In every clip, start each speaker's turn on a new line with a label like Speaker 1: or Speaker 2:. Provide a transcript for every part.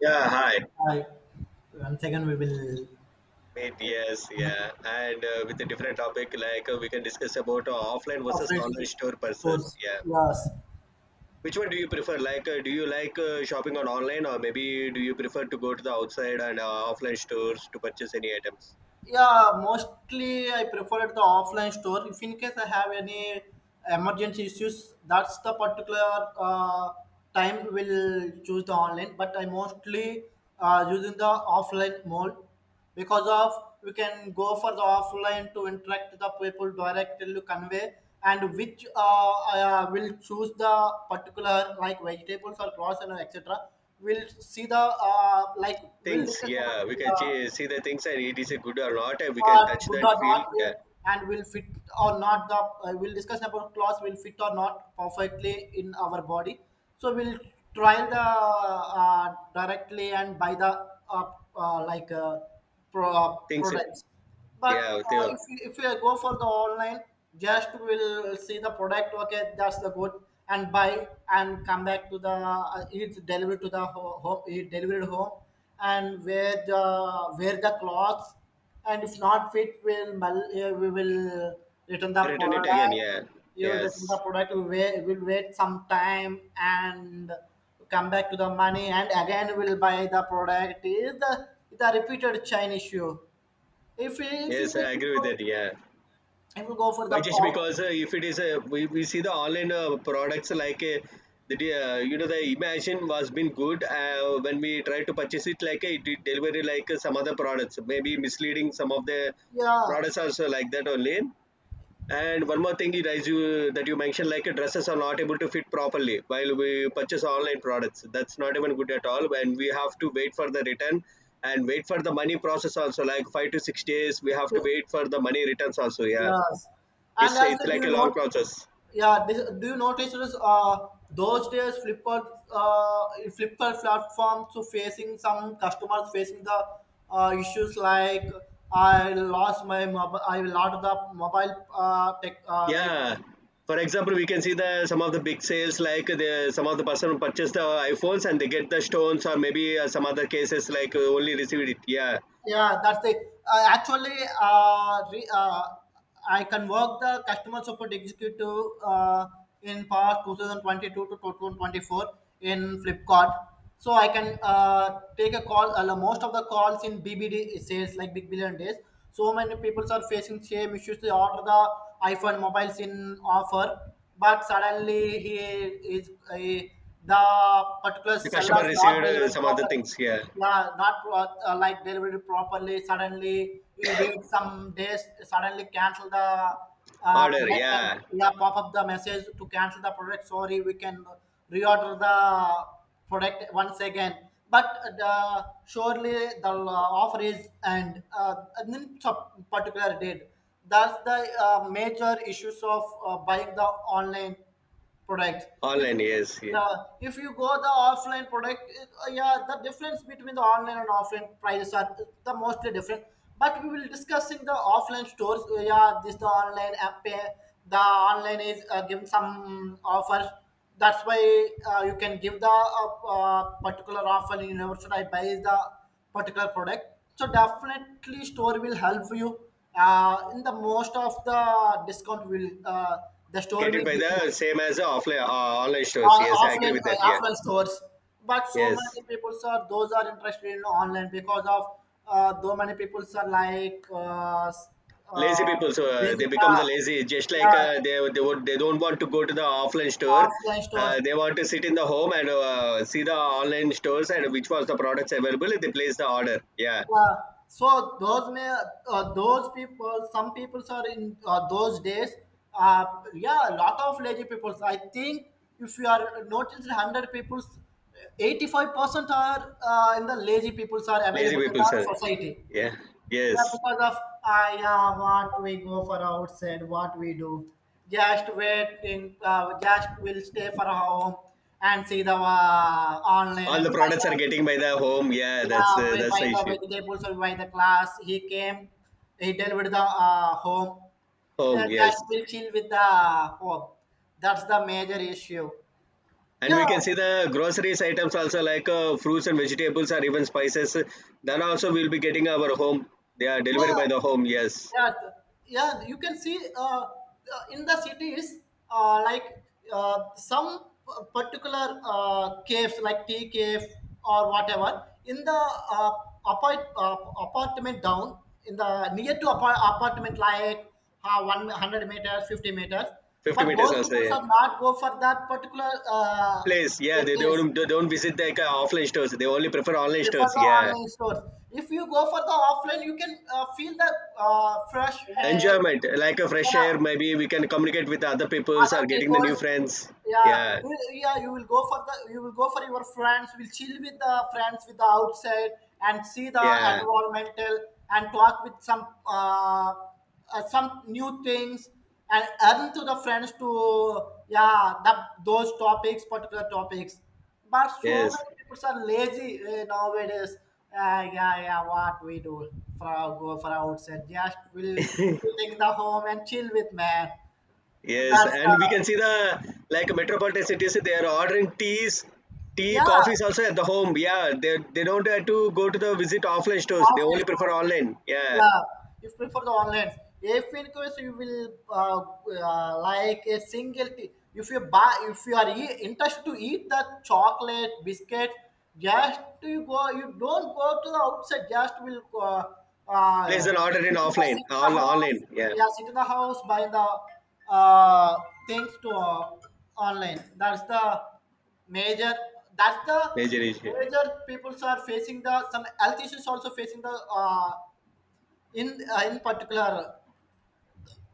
Speaker 1: Yeah, hi,
Speaker 2: I once again we will
Speaker 1: mate. Yes,
Speaker 2: connect
Speaker 1: yeah, and with a different topic, like we can discuss about offline versus
Speaker 2: offline
Speaker 1: online
Speaker 2: to
Speaker 1: store purchases.
Speaker 2: stores.
Speaker 1: Yeah,
Speaker 2: Yes,
Speaker 1: which one do you prefer? Like, do you like shopping on online, or maybe do you prefer to go to the outside and offline stores to purchase any items?
Speaker 2: yeah, mostly I prefer the offline store. If in case I have any emergency issues, that's the particular time will choose the online. But I mostly using the offline mode because of we can go for the offline to interact with the people directly to convey and which I will choose the particular like vegetables or cross and etc. We'll see the like we'll
Speaker 1: Things,
Speaker 2: discuss about.
Speaker 1: yeah, we can see the things, and it is a good or not, and we can touch
Speaker 2: Good
Speaker 1: and
Speaker 2: or
Speaker 1: feel.
Speaker 2: not
Speaker 1: Yeah,
Speaker 2: uh, and will fit or not the we'll discuss about clothes will fit or not perfectly in our body so we'll trial the directly and buy the like
Speaker 1: things,
Speaker 2: products but
Speaker 1: yeah, they
Speaker 2: if you go for the online just will see the product okay that's the good and buy and come back to the it's delivered to the home it delivered home and where the clothes and if not fit we'll we will return the
Speaker 1: return it again.
Speaker 2: product
Speaker 1: Yeah,
Speaker 2: you will return the
Speaker 1: yes,
Speaker 2: product we wait, will wait some time and come back to the money and again we'll buy the product is the repeated chain issue if in
Speaker 1: yes, I
Speaker 2: case we
Speaker 1: agree with
Speaker 2: go,
Speaker 1: that. Yeah.
Speaker 2: if we go for
Speaker 1: Why?
Speaker 2: the
Speaker 1: Just because if it is a we see the online products like the the imagine was been good when we try to purchase it, like it did delivery, like some other products maybe misleading some of the
Speaker 2: yeah,
Speaker 1: products also like that only. And one more thing, it is you that you mentioned like dresses are not able to fit properly while we purchase online products. That's not even good at all when we have to wait for the return and wait for the money process also, like 5 to 6 days we have to wait for the money returns also. Yeah,
Speaker 2: yes, and
Speaker 1: it's
Speaker 2: also do
Speaker 1: like
Speaker 2: you
Speaker 1: a
Speaker 2: know.
Speaker 1: long process.
Speaker 2: Yeah, this, do you notice this? Those days, Flipkart platforms to facing some customers facing the issues like I lost my mobile, I lost the mobile like
Speaker 1: Yeah, for example, we can see the some of the big sales, like the some of the person who purchase the iphones and they get the stones or maybe some other cases, like only received it. Yeah,
Speaker 2: yeah, that's the uh, actually uh, re, uh, I can work the customer support executive in past 2022 to 2024 in Flipkart. So I can take a call. Most of the calls in BBD sales like Big Billion Days. So many people are facing same issues. They order the iPhone mobiles in offer, but suddenly he is the particular
Speaker 1: the
Speaker 2: seller
Speaker 1: customer
Speaker 2: is not
Speaker 1: received
Speaker 2: delivering
Speaker 1: some other
Speaker 2: proper
Speaker 1: things. Yeah,
Speaker 2: yeah not like delivered properly suddenly you wait some days suddenly cancel the
Speaker 1: order.
Speaker 2: product and
Speaker 1: Yeah,
Speaker 2: yeah pop up the message to cancel the product sorry we can reorder the product once again but the surely the offer is and in some particular date that's the major issues of buying the online product if
Speaker 1: online, yes, yeah.
Speaker 2: yeah if you go the offline product yeah the difference between the online and offline prices are the mostly different but we will discussing the offline stores yeah this the online app pay the online is giving some offers that's why you can give the particular offer in your website I buy the particular product so definitely store will help you in the most of the discount will the store
Speaker 1: Get it
Speaker 2: will
Speaker 1: by
Speaker 2: give you
Speaker 1: the same as the offline online stores. Yes, I agree with that. Yeah,
Speaker 2: offline stores but so
Speaker 1: yes,
Speaker 2: many people are those are interested in online because of so many people are like uh,
Speaker 1: lazy people. So they
Speaker 2: basic,
Speaker 1: become the lazy, just
Speaker 2: uh,
Speaker 1: like
Speaker 2: uh,
Speaker 1: uh, they would, they don't want to go to the offline store.
Speaker 2: offline stores
Speaker 1: They want to sit in the home and see the online stores and which was the products available, they place the order. Yeah,
Speaker 2: uh, so those may those people some people are in those days uh, yeah a lot of lazy people I think if you are noticed 100 people 85% are in the lazy people are
Speaker 1: lazy
Speaker 2: available in
Speaker 1: people,
Speaker 2: the
Speaker 1: sir.
Speaker 2: society.
Speaker 1: Yeah, yes,
Speaker 2: Yeah, because of yeah, what we go for outside, what we do, just waiting, just will stay for home and see the online
Speaker 1: all the
Speaker 2: and buy
Speaker 1: products
Speaker 2: the
Speaker 1: are getting by the home. Yeah,
Speaker 2: yeah, we
Speaker 1: that's
Speaker 2: buy
Speaker 1: the
Speaker 2: the
Speaker 1: issue.
Speaker 2: vegetables or buy the class. He came, he delivered the home.
Speaker 1: Home,
Speaker 2: Just
Speaker 1: yes,
Speaker 2: will chill with the home. That's the major issue.
Speaker 1: and
Speaker 2: Yeah,
Speaker 1: we can see the groceries items also, like fruits and vegetables or even spices, then also we'll be getting our home, they are delivered
Speaker 2: yeah.
Speaker 1: by the home. Yes,
Speaker 2: Yeah, yeah you can see in the cities like some particular caves like tea cave or whatever in the uh, apartment down in the near to apartment like 100 meters 50 meters
Speaker 1: 50
Speaker 2: but
Speaker 1: meters
Speaker 2: those
Speaker 1: also.
Speaker 2: people
Speaker 1: Yeah,
Speaker 2: are not go for that particular
Speaker 1: place. Yeah, they
Speaker 2: place
Speaker 1: don't, they don't visit, like offline stores. They only prefer online
Speaker 2: prefer
Speaker 1: stores.
Speaker 2: the
Speaker 1: Yeah,
Speaker 2: online stores. If you go for the offline you can feel the fresh air,
Speaker 1: enjoyment, like a fresh
Speaker 2: yeah,
Speaker 1: air. Maybe we can communicate with other peoples
Speaker 2: other
Speaker 1: or getting the new
Speaker 2: people's,
Speaker 1: friends.
Speaker 2: yeah
Speaker 1: Yeah,
Speaker 2: yeah you will go for the you will go for your friends will chill with the friends with the outside and see the
Speaker 1: yeah,
Speaker 2: environmental and talk with some new things and earn to the friends to yeah the those topics particular topics but so
Speaker 1: yes,
Speaker 2: many people are lazy eh, nowadays yeah yeah what we do for our, go for outside just will sitting in the home and chill with man
Speaker 1: yes.
Speaker 2: that's
Speaker 1: And
Speaker 2: the
Speaker 1: we can see the like metropolitan cities. They are ordering teas, tea,
Speaker 2: yeah,
Speaker 1: coffees
Speaker 2: half
Speaker 1: also at the home. Yeah, they don't have to go to the visit offline stores. They
Speaker 2: an
Speaker 1: only prefer
Speaker 2: hour.
Speaker 1: online. Yeah,
Speaker 2: Yeah, if prefer the online. If in case you will like a single tea, if you buy, if you are interested to eat the chocolate biscuit, just you go, you don't go to the outside. Just will
Speaker 1: place an order in offline.
Speaker 2: sit in the
Speaker 1: All
Speaker 2: house.
Speaker 1: online. Yeah,
Speaker 2: Yeah, sit in the house buy the things to online. That's the major. That's the
Speaker 1: major issue.
Speaker 2: major. People are facing the some health issues also facing the. In in particular,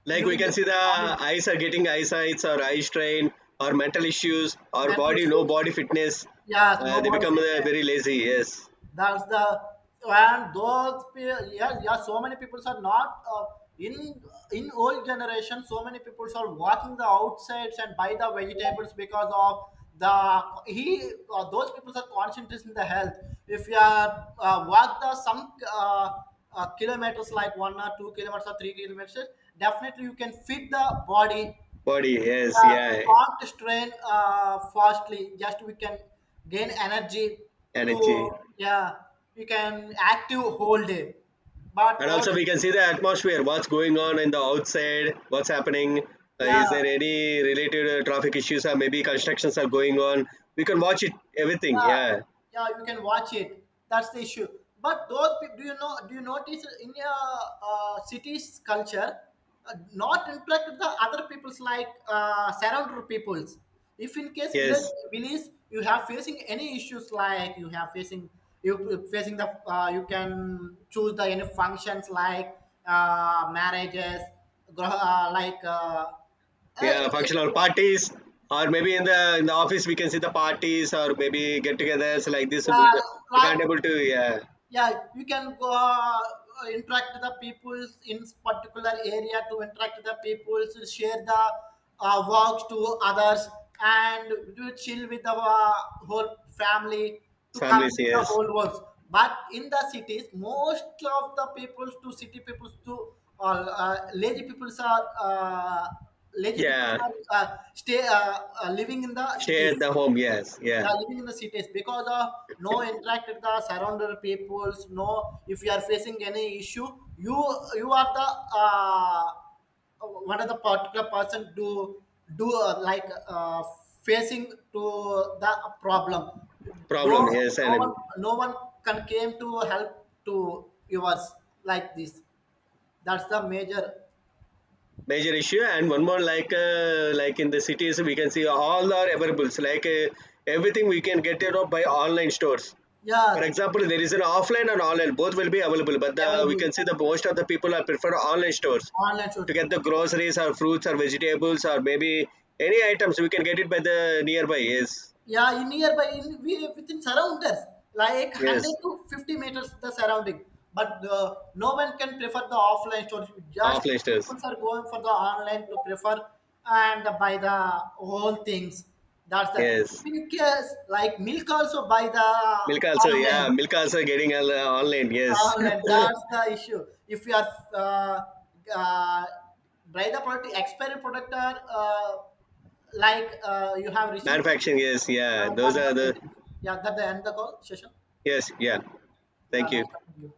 Speaker 1: Like, we
Speaker 2: using
Speaker 1: can
Speaker 2: the
Speaker 1: see the
Speaker 2: on
Speaker 1: eyes are getting eyesights or eye strain or mental issues or
Speaker 2: mental
Speaker 1: body, no,
Speaker 2: issues,
Speaker 1: body fitness.
Speaker 2: yes,
Speaker 1: They
Speaker 2: nobody
Speaker 1: become
Speaker 2: said that.
Speaker 1: very lazy. Yes,
Speaker 2: That's the and those yeah, yeah, so many people are not in in old generation. So many people are walking the outsides and buy the vegetables because of the he those people are concentrated in the health. If you are walk the some kilometers like 1 or 2 kilometers or 3 kilometers, definitely you can fit the body
Speaker 1: body, yes, yeah,
Speaker 2: we can't strain fastly just we can gain energy to
Speaker 1: energy.
Speaker 2: yeah we can active whole day but
Speaker 1: And also
Speaker 2: those
Speaker 1: we can see the atmosphere, what's going on in the outside, what's happening.
Speaker 2: yeah
Speaker 1: Is there any related traffic issues or maybe constructions are going on? We can watch it everything. Yeah,
Speaker 2: yeah you can watch it that's the issue but those do you know do you notice in a cities culture not interact with the other peoples like surrounded peoples if in case village
Speaker 1: yes.
Speaker 2: village you have facing any issues like you have facing you you facing the you can choose the any functions like marriages gro- uh, like uh,
Speaker 1: Yeah, functional
Speaker 2: uh,
Speaker 1: parties, or maybe in the office we can see the parties, or maybe get-togethers like this. We
Speaker 2: like
Speaker 1: can't able to. Yeah,
Speaker 2: yeah you can go interact the peoples in particular area to interact the peoples to share the works to others and to chill with the whole family to
Speaker 1: families,
Speaker 2: complete the
Speaker 1: yes,
Speaker 2: whole works but in the cities most of the peoples to city peoples to uh, uh, lazy peoples are uh, lazy peoples
Speaker 1: yeah,
Speaker 2: are stay living in the
Speaker 1: share
Speaker 2: cities
Speaker 1: the home. Yes, yeah,
Speaker 2: yeah living in the cities because of no interact with the surrounded peoples no if you are facing any issue you you are the uh, one of the particular person to do like facing to the problem no
Speaker 1: problem, yes,
Speaker 2: no
Speaker 1: and
Speaker 2: one no one can came to help to yours like this that's the major
Speaker 1: major issue. And one more, like in the cities we can see all our availables, like everything we can get it up by online stores. For
Speaker 2: yeah
Speaker 1: example, there is an offline and online both will be available, but the, we can
Speaker 2: available
Speaker 1: see the most of the people are prefer online stores
Speaker 2: online
Speaker 1: to
Speaker 2: shows.
Speaker 1: get the groceries or fruits or vegetables or maybe any items we can get it by the nearby. Yes,
Speaker 2: Yeah, in nearby, in we within surrounders, like hundred
Speaker 1: yes,
Speaker 2: to fifty meters the surrounding. But no one can prefer the offline stores. Just
Speaker 1: offline stores,
Speaker 2: people are going for the online to prefer and buy the whole things. That's the
Speaker 1: yes,
Speaker 2: in case like milk also buy the
Speaker 1: milk also. Yeah,
Speaker 2: online.
Speaker 1: milk also getting all, online. Yes,
Speaker 2: Online, that's the issue. If you are uh, uh, buy the product, expired product are like you have received.
Speaker 1: manufacturing, yes, yeah,
Speaker 2: Yeah,
Speaker 1: those
Speaker 2: that's the
Speaker 1: are the.
Speaker 2: presentation. Yeah, that the end the call session.
Speaker 1: Yes, yeah.
Speaker 2: Yeah,
Speaker 1: Thank you.
Speaker 2: nice talking to you.